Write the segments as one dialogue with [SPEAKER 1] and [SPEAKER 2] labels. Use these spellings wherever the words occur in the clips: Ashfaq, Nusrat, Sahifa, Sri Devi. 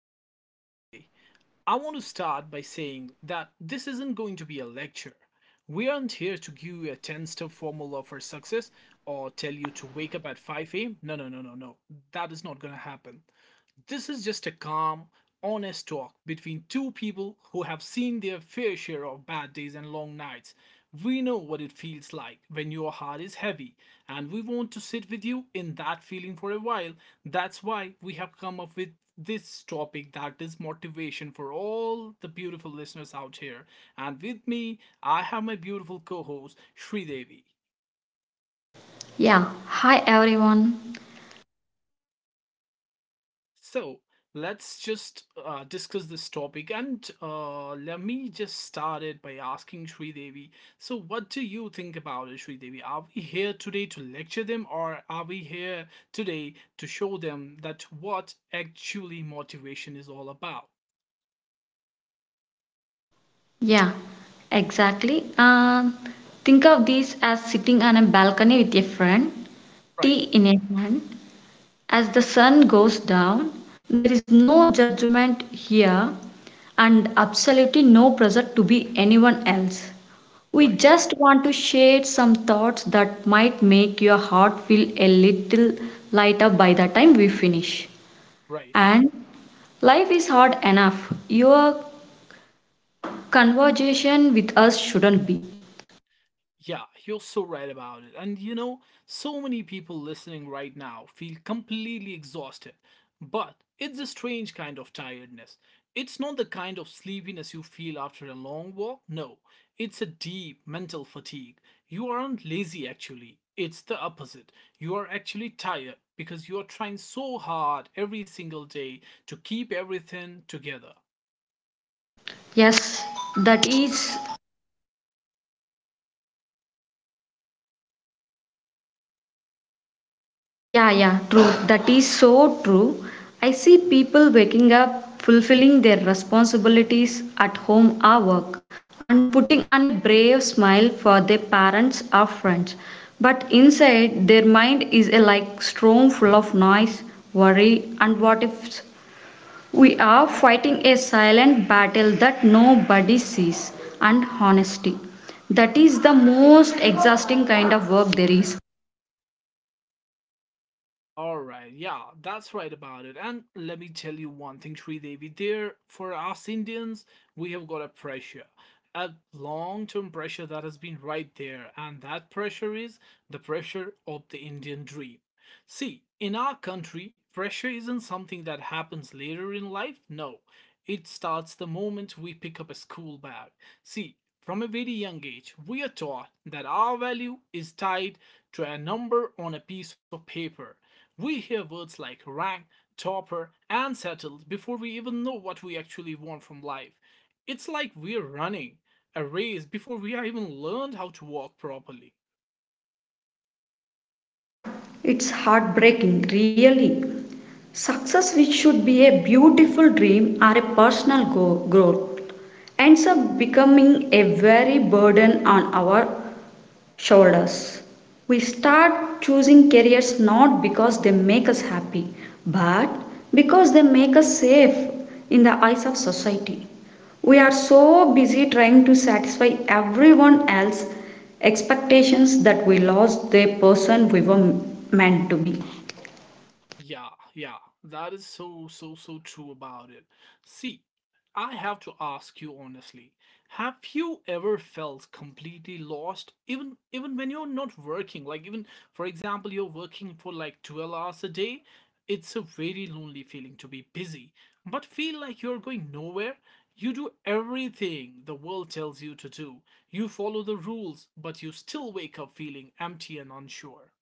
[SPEAKER 1] and welcome today. I want to start by saying that this isn't going to be a lecture. We aren't here to give you a 10 step formula for success or tell you to wake up at 5 a.m. No, no, no, no, no. That is not going to happen. This is just a calm, honest talk between two people who have seen their fair share of bad days and long nights. We know what it feels like when your heart is heavy, and we want to sit with you in that feeling for a while. That's why we have come up with this topic that is motivation for all the beautiful listeners out here. And with me, I have my beautiful co host, Sri Devi.
[SPEAKER 2] Yeah, hi everyone.
[SPEAKER 1] So let's just discuss this topic, and let me just start it by asking Sri Devi. So, what do you think about it, Sri Devi? Are we here today to lecture them, or are we here today to show them that what actually motivation is all about?
[SPEAKER 2] Yeah, exactly. Think of this as sitting on a balcony with a friend, tea
[SPEAKER 1] Right,
[SPEAKER 2] in a hand. As the sun goes down, there is no judgment here and absolutely no pressure to be anyone else. We
[SPEAKER 1] right,
[SPEAKER 2] just want to share some thoughts that might make your heart feel a little lighter by the time we finish.
[SPEAKER 1] right.
[SPEAKER 2] And life is hard enough. Your conversation with us shouldn't be
[SPEAKER 1] Yeah, you're so right about it. And you know, so many people listening right now feel completely exhausted. But it's a strange kind of tiredness. It's not the kind of sleepiness you feel after a long walk. No, it's a deep mental fatigue. You aren't lazy actually. It's the opposite. You are actually tired because you are trying so hard every single day to keep everything together.
[SPEAKER 2] yes that is yeah, true, that is so true. I see people waking up, fulfilling their responsibilities at home or work, and putting on a brave smile for their parents or friends, but inside their mind is a like storm full of noise, worry, and what ifs. We are fighting a silent battle that nobody sees, and honesty. That is the most exhausting kind of work there is.
[SPEAKER 1] All right, yeah, that's right about it. And let me tell you one thing, Sri Devi. There, for us Indians, we have got a pressure, a long-term pressure that has been right there, and that pressure is the pressure of the Indian dream. See, in our country, pressure isn't something that happens later in life. No, it starts the moment we pick up a school bag. See, from a very young age, we are taught that our value is tied to a number on a piece of paper. We hear words like rank, topper, and settled before we even know what we actually want from life. It's like we're running a race before we have even learned how to walk properly.
[SPEAKER 2] Yeah, it's heartbreaking, really. Success, which should be a beautiful dream or a personal growth, ends up becoming a very burden on our shoulders. We start choosing careers not because they make us happy, but because they make us safe in the eyes of society. We are so busy trying to satisfy everyone else's expectations that we lost the person we were meant to be.
[SPEAKER 1] Yeah, yeah, that is so, so, so true about it. See, I have to ask you honestly, have you ever felt completely lost, even when you're not working? Like even, for example, you're working for like 12 hours a day. It's a very lonely feeling to be busy, but feel like you're going nowhere. You do everything the world tells you to do. You follow the rules, but you still wake up feeling empty and unsure.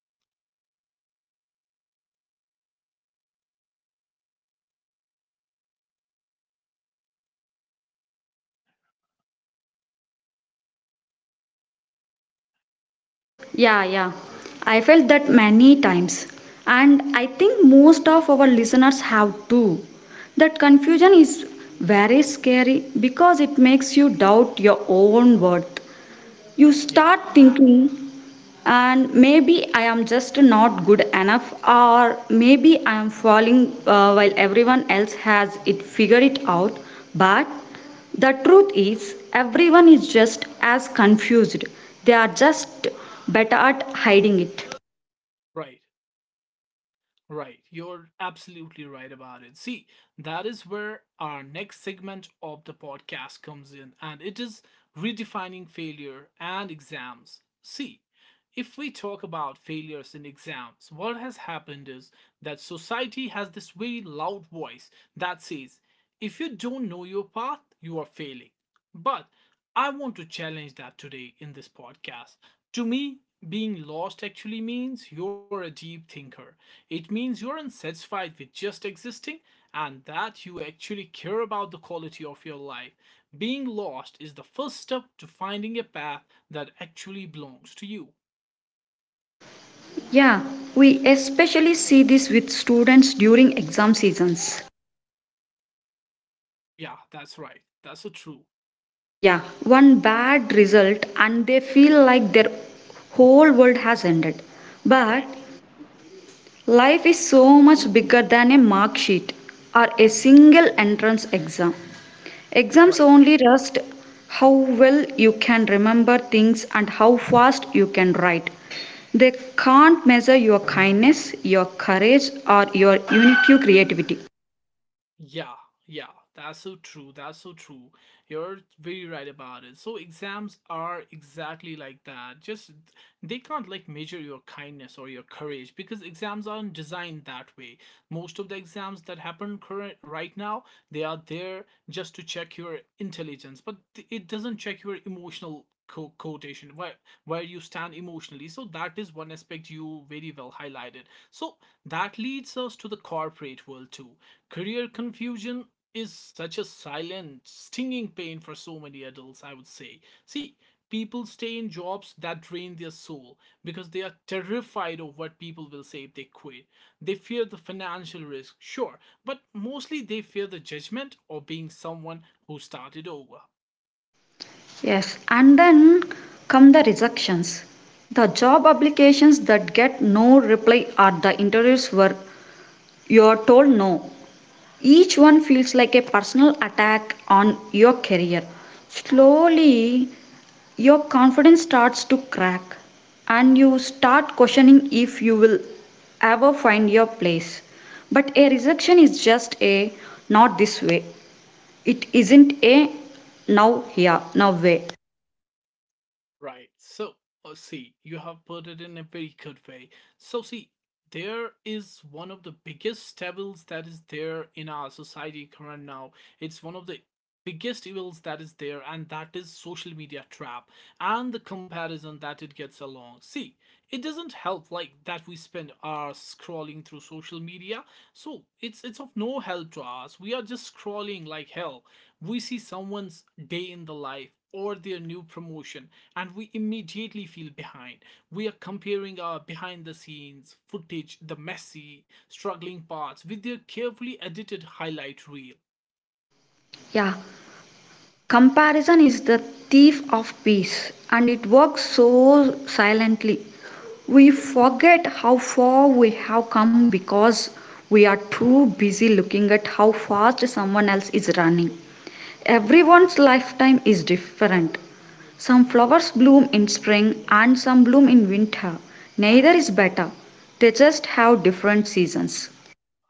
[SPEAKER 2] Yeah, yeah. I felt that many times. And I think most of our listeners have too. That confusion is very scary because it makes you doubt your own worth. You
[SPEAKER 1] Yeah,
[SPEAKER 2] start thinking, and maybe I am just not good enough, or maybe I am falling, while everyone else has it figured it out. But the truth is, everyone is just as confused, they are just better at hiding it.
[SPEAKER 1] right. Right, you're absolutely right about it. See, that is where our next segment of the podcast comes in, and it is redefining failure and exams. See, if we talk about failures in exams, what has happened is that society has this very loud voice that says, if you don't know your path, you are failing. But I want to challenge that today in this podcast. To me, being lost actually means you're a deep thinker. It means you're unsatisfied with just existing and that you actually care about the quality of your life. Being lost is the first step to finding a path that actually belongs to you.
[SPEAKER 2] Yeah, we especially see this with students during exam seasons.
[SPEAKER 1] Yeah, that's right. That's a true.
[SPEAKER 2] Yeah, one bad result and they feel like their whole world has ended. But
[SPEAKER 1] Right.
[SPEAKER 2] life is so much bigger than a mark sheet or a single entrance exam. Exams
[SPEAKER 1] Right.
[SPEAKER 2] only test how well you can remember things and how fast you can write. They can't measure your kindness, your courage, or your unique creativity.
[SPEAKER 1] Yeah, yeah, that's so true. That's so true. You're very right about it. So exams are exactly like that. Just they can't like measure your kindness or your courage because exams aren't designed that way, most of the exams that happen current right now, they are there just to check your intelligence, but it doesn't check your emotional quotation, where you stand emotionally, so that is one aspect you very well highlighted. So that leads us to the corporate world too. Career confusion is such a silent, stinging pain for so many adults, I would say. See, people stay in jobs that drain their soul because they are terrified of what people will say if they quit. They fear the financial risk, sure, but mostly they fear the judgment of being someone who started over.
[SPEAKER 2] Yes, and then come the rejections. The job applications that get no reply, or the interviews where you're told no. Each one feels like a personal attack on your career. Slowly your confidence starts to crack, and you start questioning if you will ever find your place. But a rejection is just a not this way, it isn't a now here now way.
[SPEAKER 1] Right. So, see, you have put it in a very good way. So, see, there is one of the biggest evils that is there in our society current now. It's one of the biggest evils that is there, and that is social media trap and the comparison that it gets along. See, it doesn't help like that we spend hours scrolling through social media. So it's of no help to us. We are just scrolling like hell. We see someone's day in the life or their new promotion and we immediately feel behind. We are comparing our behind the scenes footage, the messy, struggling parts with their carefully edited highlight reel.
[SPEAKER 2] Yeah, comparison is the thief of peace and it works so silently. We forget how far we have come because we are too busy looking at how fast someone else is running. Everyone's lifetime is different. Some flowers bloom in spring and some bloom in winter. Neither is better. They just have different seasons.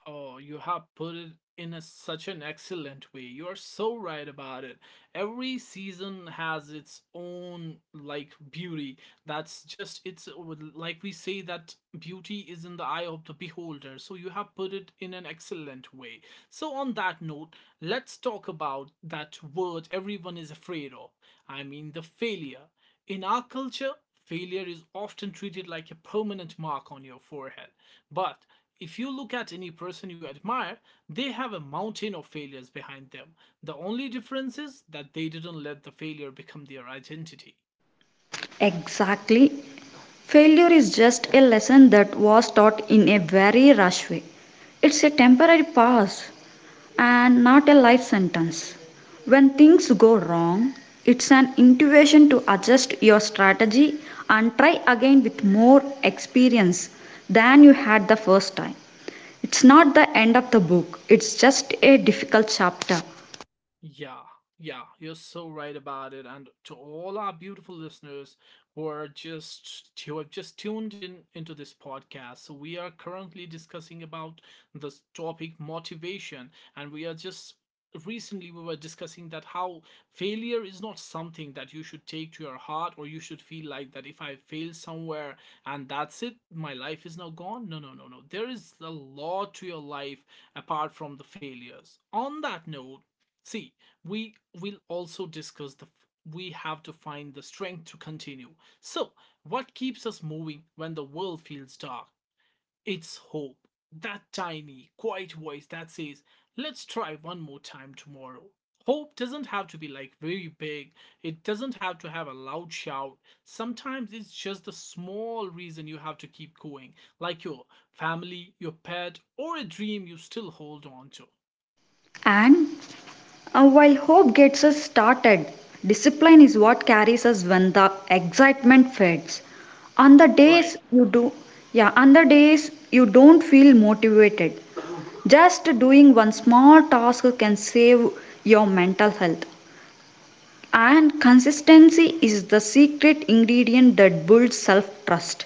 [SPEAKER 1] Oh, you have put it in a, such an excellent way. You are so right about it. Every season has its own like beauty. That's just it's like we say that beauty is in the eye of the beholder. So you have put it in an excellent way. So on that note, let's talk about that word everyone is afraid of. I mean the failure. In our culture, failure is often treated like a permanent mark on your forehead. But if you look at any person you admire, they have a mountain of failures behind them. The only difference is that they didn't let the failure become their identity.
[SPEAKER 2] Exactly. Failure is just a lesson that was taught in a very rush way. It's a temporary pass and not a life sentence. When things go wrong, it's an intuition to adjust your strategy and try again with more experience than you had the first time. It's not the end of the book, it's just a difficult chapter.
[SPEAKER 1] Yeah, yeah, you're so right about it. And to all our beautiful listeners who are just who have just tuned in into this podcast, so we are currently discussing about this topic motivation, and we are just recently we were discussing that how failure is not something that you should take to your heart or you should feel like that if I fail somewhere and that's it, my life is now gone. No, no, no, no, there is a lot to your life apart from the failures. On that note, see, we will also discuss the, we have to find the strength to continue. So, what keeps us moving when the world feels dark? It's hope. That tiny, quiet voice that says, let's try one more time tomorrow. Hope doesn't have to be like very big, it doesn't have to have a loud shout. Sometimes it's just the small reason you have to keep going, like your family, your pet, or a dream you still hold on to.
[SPEAKER 2] And While hope gets us started, discipline is what carries us when the excitement fades. On the
[SPEAKER 1] Right.
[SPEAKER 2] days you on the days you don't feel motivated, just doing one small task can save your mental health. And consistency is the secret ingredient that builds self trust.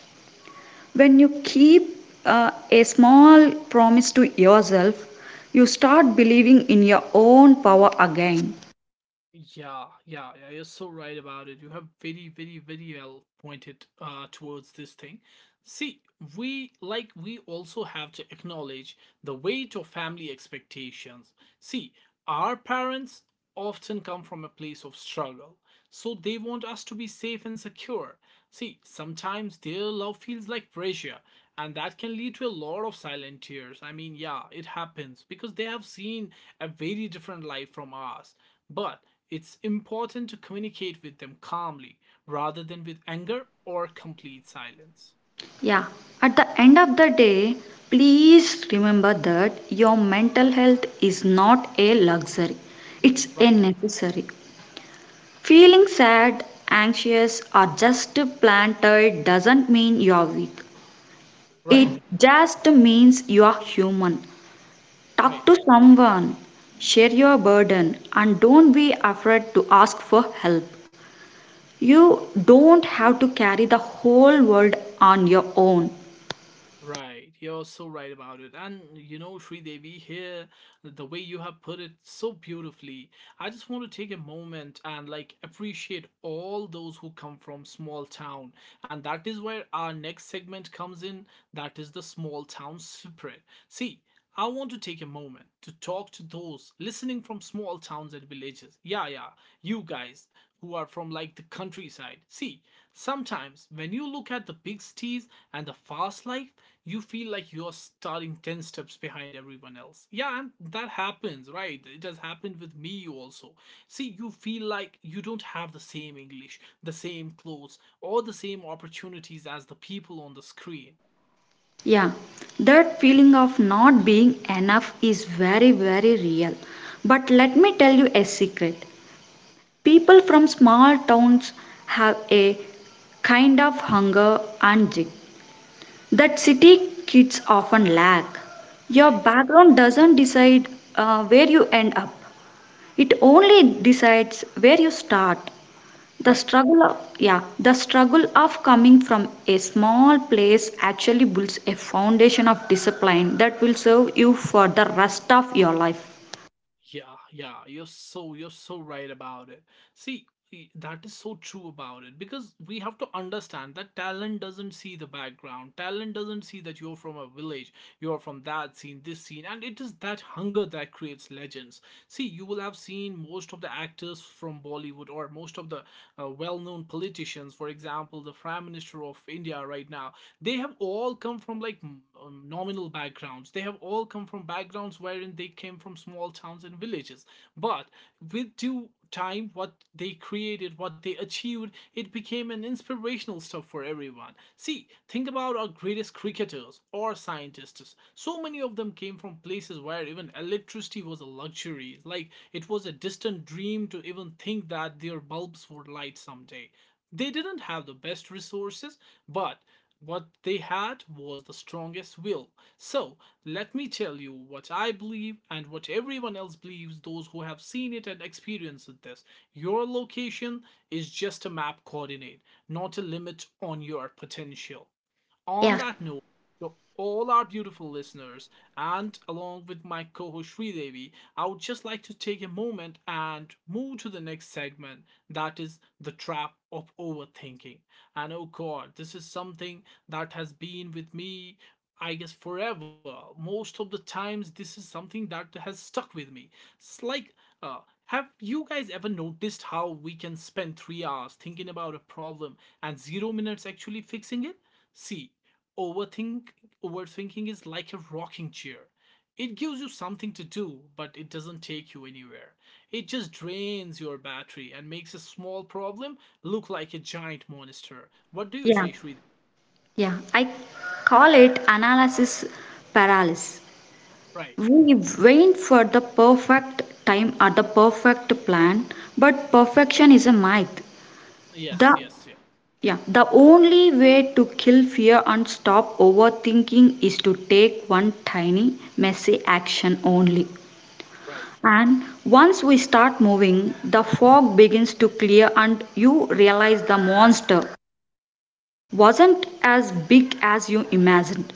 [SPEAKER 2] When you keep a small promise to yourself, you start believing in your own power again.
[SPEAKER 1] Yeah, yeah, yeah, you're so right about it. You have very, very, very well pointed towards this thing. See, we like we also have to acknowledge the weight of family expectations. See, our parents often come from a place of struggle, so they want us to be safe and secure. See, sometimes their love feels like pressure, and that can lead to a lot of silent tears. I mean, yeah, it happens because they have seen a very different life from ours. But it's important to communicate with them calmly rather than with anger or complete silence.
[SPEAKER 2] Yeah, at the end of the day, please remember that your mental health is not a luxury, it's a
[SPEAKER 1] Right,
[SPEAKER 2] necessary. Feeling sad, anxious, or just planted doesn't mean you're weak,
[SPEAKER 1] right,
[SPEAKER 2] it just means you're human. Talk
[SPEAKER 1] right.
[SPEAKER 2] to someone, share your burden, and don't be afraid to ask for help. You don't have to carry the whole world on your own.
[SPEAKER 1] Right, you're so right about it. And you know, Sri Devi here, the way you have put it so beautifully, I just want to take a moment and like appreciate all those who come from small town. And that is where our next segment comes in. That is the small town spirit. See, I want to take a moment to talk to those listening from small towns and villages. Yeah, yeah, you guys who are from like the countryside. See, sometimes when you look at the big cities and the fast life, you feel like you're starting 10 steps behind everyone else. Yeah, and that happens, right? It has happened with me also. See, you feel like you don't have the same English, the same clothes, or the same opportunities as the people on the screen.
[SPEAKER 2] Yeah, that feeling of not being enough is very, very real. But let me tell you a secret. People from small towns have a kind of hunger and jig that city kids often lack. Your
[SPEAKER 1] Right,
[SPEAKER 2] background doesn't decide where you end up, it only decides where you start.
[SPEAKER 1] right.
[SPEAKER 2] The struggle of coming from a small place actually builds a foundation of discipline that will serve you for the rest of your life.
[SPEAKER 1] Yeah, yeah, you're so right about it. See, that is so true about it because we have to understand that talent doesn't see the background. Talent doesn't see that you're from a village, you're from that scene, this scene, and it is that hunger that creates legends. See, you will have seen most of the actors from Bollywood or most of the well-known politicians, for example, the Prime Minister of India right now, they have all come from like nominal backgrounds. They have all come from backgrounds wherein they came from small towns and villages, but with due time, what they created, what they achieved, it became an inspirational stuff for everyone. See, think about our greatest cricketers or scientists. So many of them came from places where even electricity was a luxury, like it was a distant dream to even think that their bulbs would light someday. They didn't have the best resources, but what they had was the strongest will. So, let me tell you what I believe and what everyone else believes, those who have seen it and experienced this. Your location is just a map coordinate, not a limit on your potential. On
[SPEAKER 2] Yeah.
[SPEAKER 1] that note, to all our beautiful listeners, and along with my co host Devi, I would just like to take a moment and move to the next segment that is the trap of overthinking. And oh God, this is something that has been with me, I guess, forever. Most of the times, this is something that has stuck with me. It's like, uh, have you guys ever noticed how we can spend 3 hours thinking about a problem and 0 minutes actually fixing it? See, overthink overthinking is like a rocking chair. It gives you something to do, but it doesn't take you anywhere. It just drains your battery and makes a small problem look like a giant monster. What do you
[SPEAKER 2] Yeah,
[SPEAKER 1] say, Shri?
[SPEAKER 2] yeah. I call it analysis paralysis.
[SPEAKER 1] Right.
[SPEAKER 2] We wait for the perfect time or the perfect plan, but perfection is a myth. The
[SPEAKER 1] Yes, yes, yeah.
[SPEAKER 2] Yeah, the only way to kill fear and stop overthinking is to take one tiny, messy action only.
[SPEAKER 1] Right.
[SPEAKER 2] And once we start moving, the fog begins to clear, and you realize the monster wasn't as big as you imagined.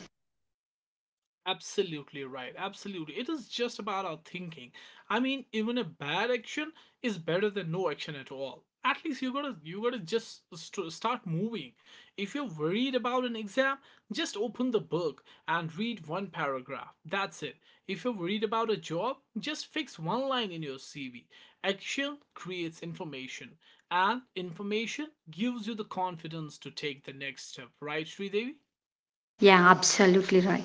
[SPEAKER 1] Absolutely right. Absolutely. It is just about our thinking. I mean, even a bad action is better than no action at all. At least you gotta just start moving. If you're worried about an exam, just open the book and read one paragraph. That's it. If you're worried about a job, just fix one line in your CV. Action creates information, and information gives you the confidence to take the next step. Right, Sri Devi?
[SPEAKER 2] Yeah, absolutely right.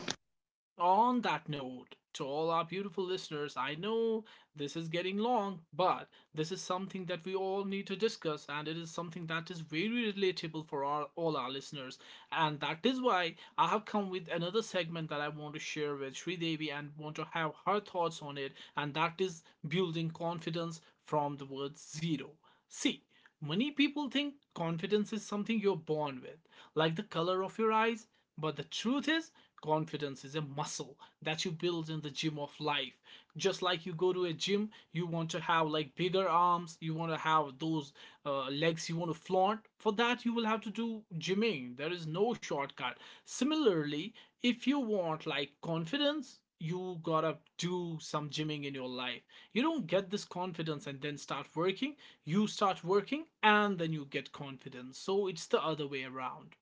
[SPEAKER 1] On that note, to all our beautiful listeners, I know this is getting long, but this is something that we all need to discuss, and it is something that is very relatable for our, all our listeners. And that is why I have come with another segment that I want to share with Sri and want to have her thoughts on it, and that is building confidence from the word zero. See, many people think confidence is something you're born with, like the color of your eyes, but the truth is, confidence is a muscle that you build in the gym of life. Just like you go to a gym, you want to have like bigger arms, you want to have those legs you want to flaunt. For that, you will have to do gymming. There is no shortcut. Similarly, if you want like confidence, you gotta do some gymming in your life. You don't get this confidence and then start working. You start working and then you get confidence. So it's the other way around,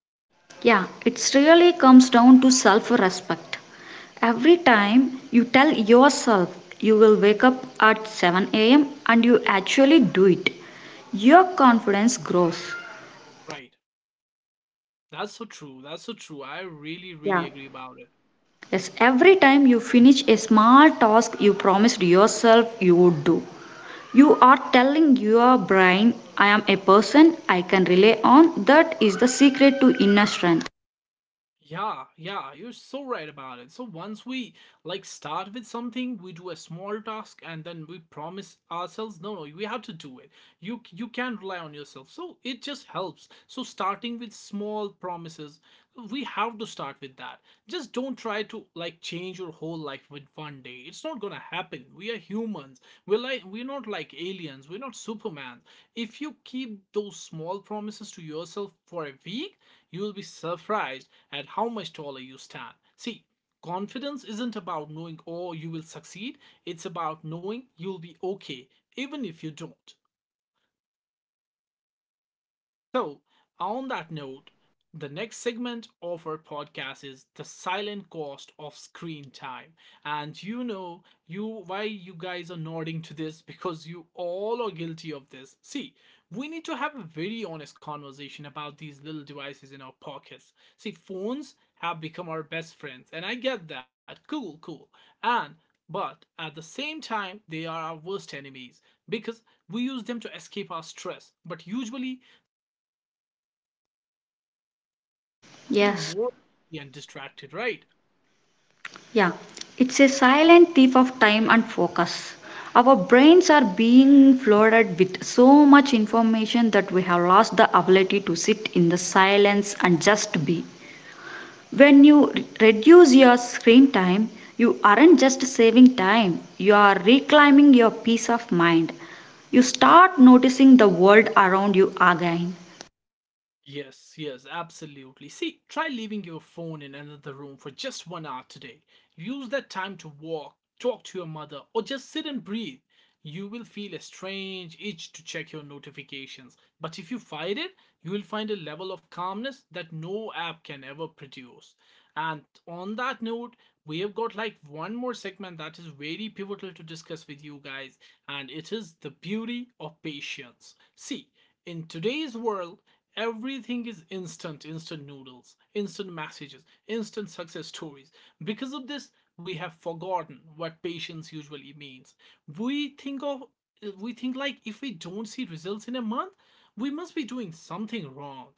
[SPEAKER 2] Yeah, it really comes down to self respect. Every time you tell yourself you will wake up at 7 a.m. and you actually do it, your confidence grows.
[SPEAKER 1] right? That's so true. That's so true. I really, really
[SPEAKER 2] Yeah.
[SPEAKER 1] agree about it.
[SPEAKER 2] Yes, every time you finish a small task you promised yourself you would do, you are telling your brain, I am a person I can rely on. That is the secret to inner strength.
[SPEAKER 1] Yeah, yeah, you're so right about it. So once we like start with something, we do a small task and then we promise ourselves, no no, we have to do it. You can rely on yourself, so it just helps. So starting with small promises, we have to start with that. Just don't try to like change your whole life with one day. It's not gonna happen. We are humans, we're like, we're not like aliens, we're not superman. If you keep those small promises to yourself for a week, you will be surprised at how much taller you stand. See, confidence isn't about knowing, oh, you will succeed. It's about knowing you'll be okay, even if you don't. So, on that note, the next segment of our podcast is the silent cost of screen time. And you know, you why you guys are nodding to this because you all are guilty of this. See, we need to have a very honest conversation about these little devices in our pockets. See, phones have become our best friends, and I get that. Cool, cool. And But at the same time, they are our worst enemies because we use them to escape our stress. But usually, getting
[SPEAKER 2] Yes.
[SPEAKER 1] more and distracted, right?
[SPEAKER 2] Yeah, it's a silent thief of time and focus. Our brains are being flooded with so much information that we have lost the ability to sit in the silence and just be. When you reduce your screen time, you aren't just saving time, you are reclaiming your peace of mind. You start noticing the world around you again.
[SPEAKER 1] Yes, yes, absolutely. See, try leaving your phone in another room for just 1 hour today. Use that time to walk, talk to your mother, or just sit and breathe. You will feel a strange itch to check your notifications. But if you fight it, you will find a level of calmness that no app can ever produce. And on that note, we have got like one more segment that is very pivotal to discuss with you guys, and it is the beauty of patience. See, in today's world, everything is instant, instant noodles, instant messages, instant success stories. Because of this, we have forgotten what patience usually means. We think of we think like if we don't see results in a month, we must be doing something wrong.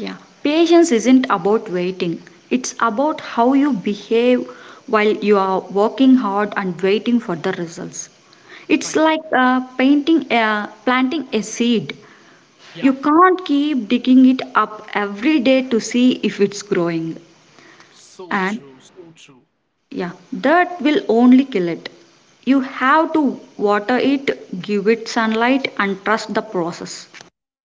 [SPEAKER 2] Yeah, patience isn't about waiting. It's about how you behave while you are working hard and waiting for the results. It's
[SPEAKER 1] Right.
[SPEAKER 2] like planting a seed.
[SPEAKER 1] Yeah.
[SPEAKER 2] You can't keep digging it up every day to see if it's growing.
[SPEAKER 1] So
[SPEAKER 2] And
[SPEAKER 1] true. So true.
[SPEAKER 2] yeah, that will only kill it. You have to water it, give it sunlight, and trust the process.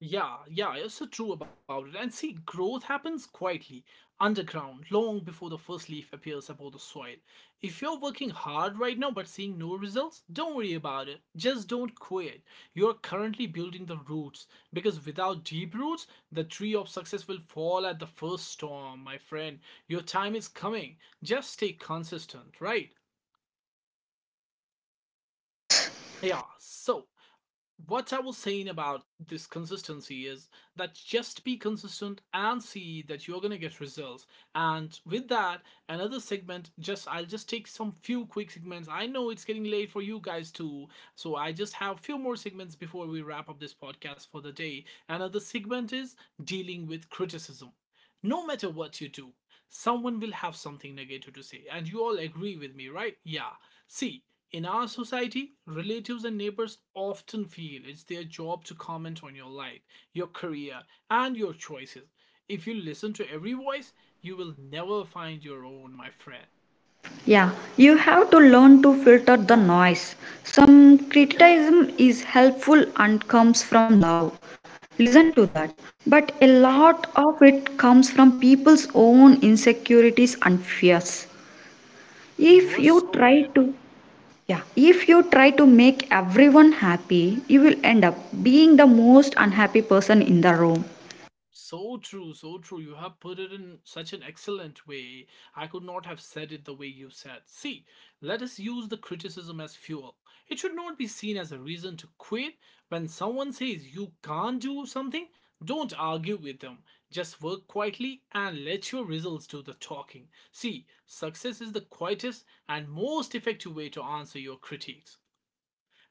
[SPEAKER 1] Yeah, yeah, you're so true about it. And see, growth happens quietly, underground, long before the first leaf appears above the soil. If you're working hard right now but seeing no results, don't worry about it. Just don't quit. You're currently building the roots because without deep roots, the tree of success will fall at the first storm, my friend. Your time is coming. Just stay consistent, right?
[SPEAKER 2] Yes.
[SPEAKER 1] Yeah, so what I was saying about this consistency is that just be consistent and see that you're gonna get results. And with that, another segment. Just I'll just take some few quick segments. I know it's getting late for you guys too, so I just have few more segments before we wrap up this podcast for the day. Another segment is dealing with criticism. No matter what you do, someone will have something negative to say, and you all agree with me, right? Yeah. See, in our society, relatives and neighbors often feel it's their job to comment on your life, your career, and your choices. If you listen to every voice, you will never find your own, my friend.
[SPEAKER 2] Yeah, you have to learn to filter the noise. Some criticism is helpful and comes from love. Listen to that. But a
[SPEAKER 1] Right,
[SPEAKER 2] lot of it comes from people's own insecurities and fears. If
[SPEAKER 1] you're
[SPEAKER 2] you
[SPEAKER 1] so
[SPEAKER 2] try
[SPEAKER 1] right about it.
[SPEAKER 2] to yeah, If you try to make everyone happy, you will end up being the most unhappy person in the room.
[SPEAKER 1] So true, so true. You have put it in such an excellent way. I could not have said it the way you said. See, let us use the criticism as fuel. It should not be seen as a reason to quit. When someone says you can't do something, don't argue with them. Just work quietly and let your results do the talking. See, success is the quietest and most effective way to answer your critiques.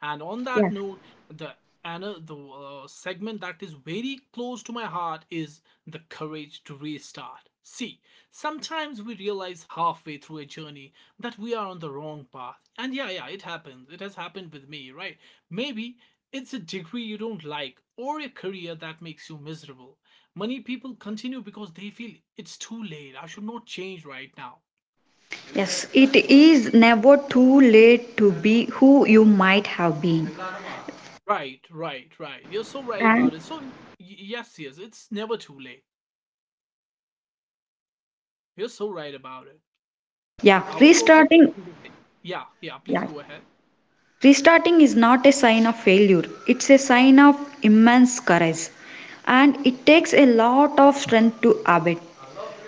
[SPEAKER 1] And on that
[SPEAKER 2] Yes.
[SPEAKER 1] note, the the segment that is very close to my heart is the courage to restart. See, sometimes we realize halfway through a journey that we are on the wrong path. And yeah, yeah, it happens. It has happened with me, right? Maybe it's a degree you don't like or a career that makes you miserable. Many people continue because they feel it's too late. I should not change right now.
[SPEAKER 2] Yes, it is never too late to be who you might have been.
[SPEAKER 1] Right, right, right. You're so right
[SPEAKER 2] And
[SPEAKER 1] about it. So, yes, yes, it's never too late. You're so right about it.
[SPEAKER 2] yeah,
[SPEAKER 1] I was also
[SPEAKER 2] Restarting
[SPEAKER 1] thinking the same. Yeah, yeah, please
[SPEAKER 2] Yeah.
[SPEAKER 1] go ahead.
[SPEAKER 2] Restarting is not a sign of failure, it's a sign of immense courage. And it takes a lot of strength to abet.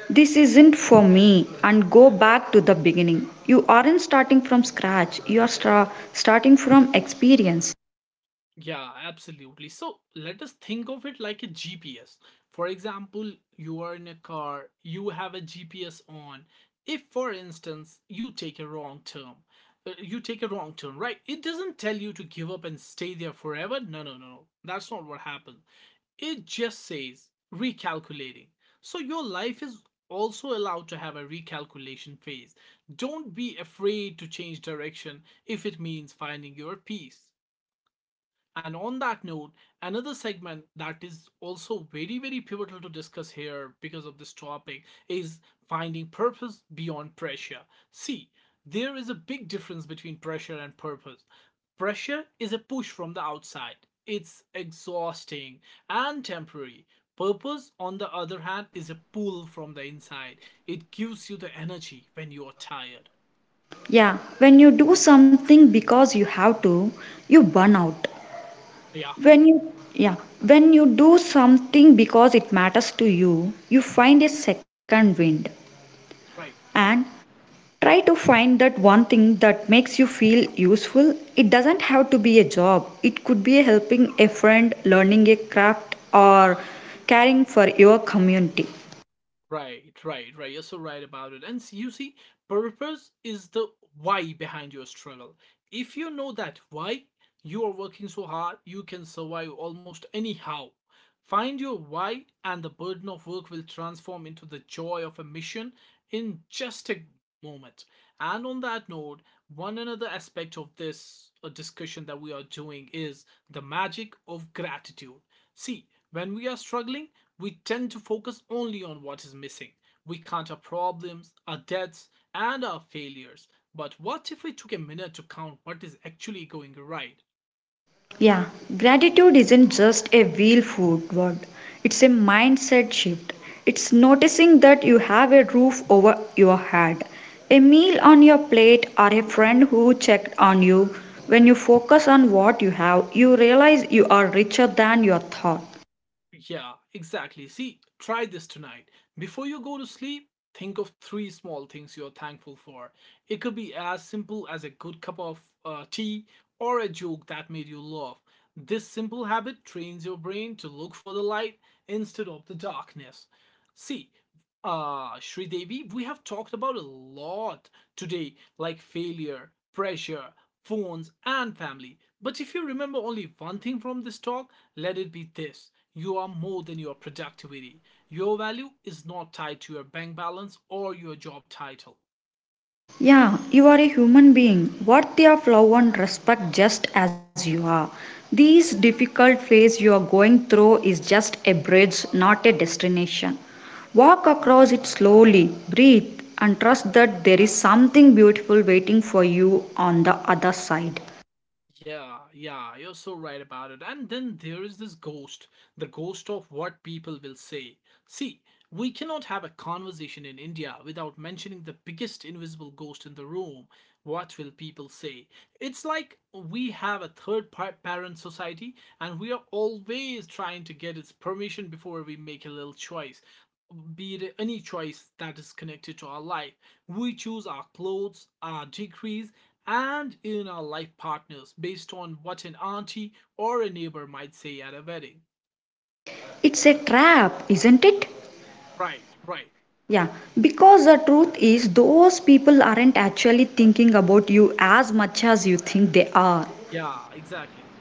[SPEAKER 2] This isn't for me, and go back to the beginning. You aren't starting from scratch, you are starting from experience.
[SPEAKER 1] Yeah, absolutely. So let us think of it like a GPS. For example, you are in a car, you have a GPS on. If, for instance, you take a wrong turn, right? It doesn't tell you to give up and stay there forever. No, no, no, no. That's not what happens. It just says recalculating. So your life is also allowed to have a recalculation phase. Don't be afraid to change direction if it means finding your peace. And on that note, another segment that is also very, very pivotal to discuss here because of this topic is finding purpose beyond pressure. See, there is a big difference between pressure and purpose. Pressure is a push from the outside, it's exhausting and temporary. Purpose, on the other hand, is a pull from the inside. It gives you the energy when you're tired.
[SPEAKER 2] Yeah, when you do something because you have to, you burn out.
[SPEAKER 1] Yeah,
[SPEAKER 2] When you yeah, when you do something because it matters to you, you find a second wind.
[SPEAKER 1] right.
[SPEAKER 2] And try to find that one thing that makes you feel useful. It doesn't have to be a job, it could be helping a friend, learning a craft, or caring for your community.
[SPEAKER 1] Right, right, right. You're so right about it. And you see, purpose is the why behind your struggle. If you know that why you are working so hard, you can survive almost anyhow. Find your why, and the burden of work will transform into the joy of a mission in just a moment. And on that note, one another aspect of this discussion that we are doing is the magic of gratitude. See, when we are struggling, we tend to focus only on what is missing. We count our problems, our debts, and our failures. But what if we took a minute to count what is actually going right?
[SPEAKER 2] Yeah, gratitude isn't just a wheel food word, it's a mindset shift. It's noticing that you have a roof over your head, a meal on your plate, or a friend who checked on you. When you focus on what you have, you realize you are richer than your thought.
[SPEAKER 1] Yeah, exactly. See, try this tonight. Before you go to sleep, think of 3 small things you're thankful for. It could be as simple as a good cup of tea or a joke that made you laugh. This simple habit trains your brain to look for the light instead of the darkness. See, Sridevi, we have talked about a lot today, like failure, pressure, phones, and family. But if you remember only one thing from this talk, let it be this: you are more than your productivity. Your value is not tied to your bank balance or your job title.
[SPEAKER 2] Yeah, you are a human being worthy of love and respect just as you are. This difficult phase you are going through is just a bridge, not a destination. Walk across it slowly, breathe, and trust that there is something beautiful waiting for you on the other side.
[SPEAKER 1] Yeah, yeah, you're so right about it. And then there is this ghost, the ghost of what people will say. See, we cannot have a conversation in India without mentioning the biggest invisible ghost in the room. What will people say? It's like we have a third parent society, and we are always trying to get its permission before we make a little choice. Be it any choice that is connected to our life. We choose our clothes, our degrees, and in our life partners based on what an auntie or a neighbor might say at a wedding.
[SPEAKER 2] It's a trap, isn't it?
[SPEAKER 1] Right, right.
[SPEAKER 2] Yeah, because the truth is, those people aren't actually thinking about you as much as you think they are.
[SPEAKER 1] Yeah, exactly.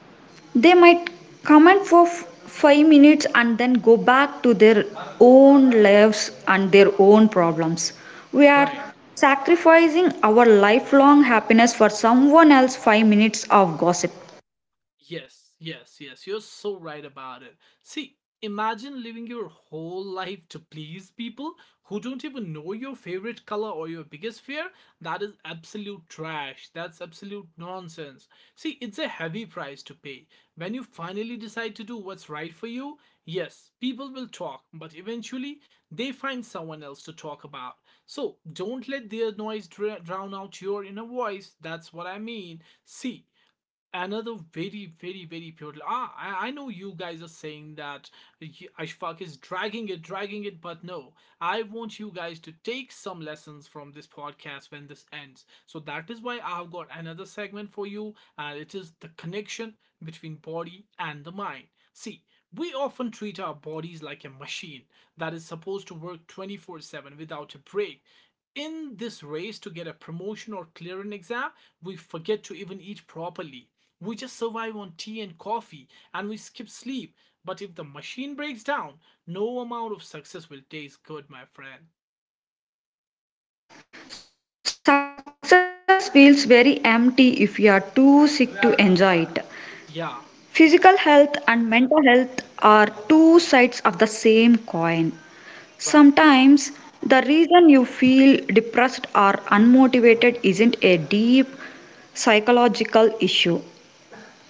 [SPEAKER 2] They might comment for 5 minutes and then go back to their own lives and their own problems. We are
[SPEAKER 1] Right.
[SPEAKER 2] sacrificing our lifelong happiness for someone else's 5 minutes of gossip.
[SPEAKER 1] Yes, yes, yes. You're so right about it. See, imagine living your whole life to please people who don't even know your favorite color or your biggest fear. That is absolute trash. That's absolute nonsense. See, it's a heavy price to pay. When you finally decide to do what's right for you, yes, people will talk, but eventually they find someone else to talk about. So don't let their noise drown out your inner voice. That's what I mean. See, another very pivotal I know you guys are saying that y- Ashfaq is dragging it, but no, I want you guys to take some lessons from this podcast when this ends. So that is why I've got another segment for you, and it is the connection between body and the mind. See, we often treat our bodies like a machine that is supposed to work 24/7 without a break. In this race to get a promotion or clear an exam, we forget to even eat properly. We just survive on tea and coffee, and we skip sleep. But if the machine breaks down, no amount of success will taste good, my friend.
[SPEAKER 2] Success feels very empty if you are too sick to enjoy it.
[SPEAKER 1] Yeah,
[SPEAKER 2] Physical health and mental health are two sides of the same coin.
[SPEAKER 1] right.
[SPEAKER 2] Sometimes the reason you feel depressed or unmotivated isn't a deep psychological issue.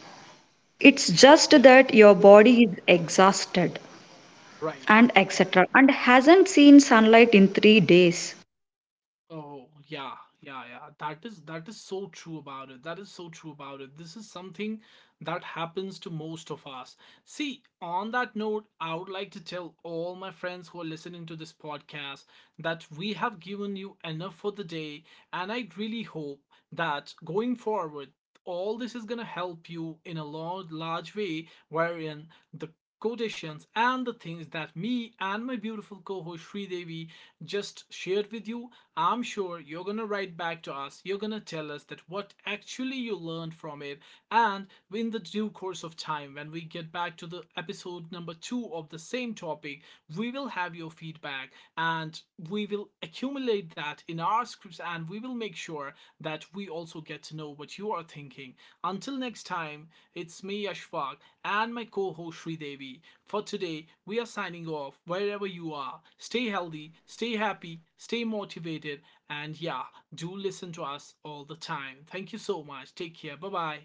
[SPEAKER 1] Yeah,
[SPEAKER 2] It's just that your body is exhausted,
[SPEAKER 1] right.
[SPEAKER 2] and etc. and hasn't seen sunlight in 3 days.
[SPEAKER 1] Oh, yeah, yeah, yeah. That is so true about it. That is so true about it. This is something that happens to most of us. See, on that note, I would like to tell all my friends who are listening to this podcast that we have given you enough for the day, and I really hope that going forward, all this is going to help you in a large, large way, wherein the quotations and the things that me and my beautiful co-host Sri Devi just shared with you. I'm sure you're gonna write back to us. You're gonna tell us that what actually you learned from it, and in the due course of time, when we get back to the episode number two of the same topic, we will have your feedback, and we will accumulate that in our scripts, and we will make sure that we also get to know what you are thinking. Until next time, it's me, Ashfaq, and my co host, Sri Devi. For today, we are signing off. Wherever you are, stay healthy, stay happy, stay motivated, and yeah, do listen to us all the time. Thank you so much. Take care. Bye bye.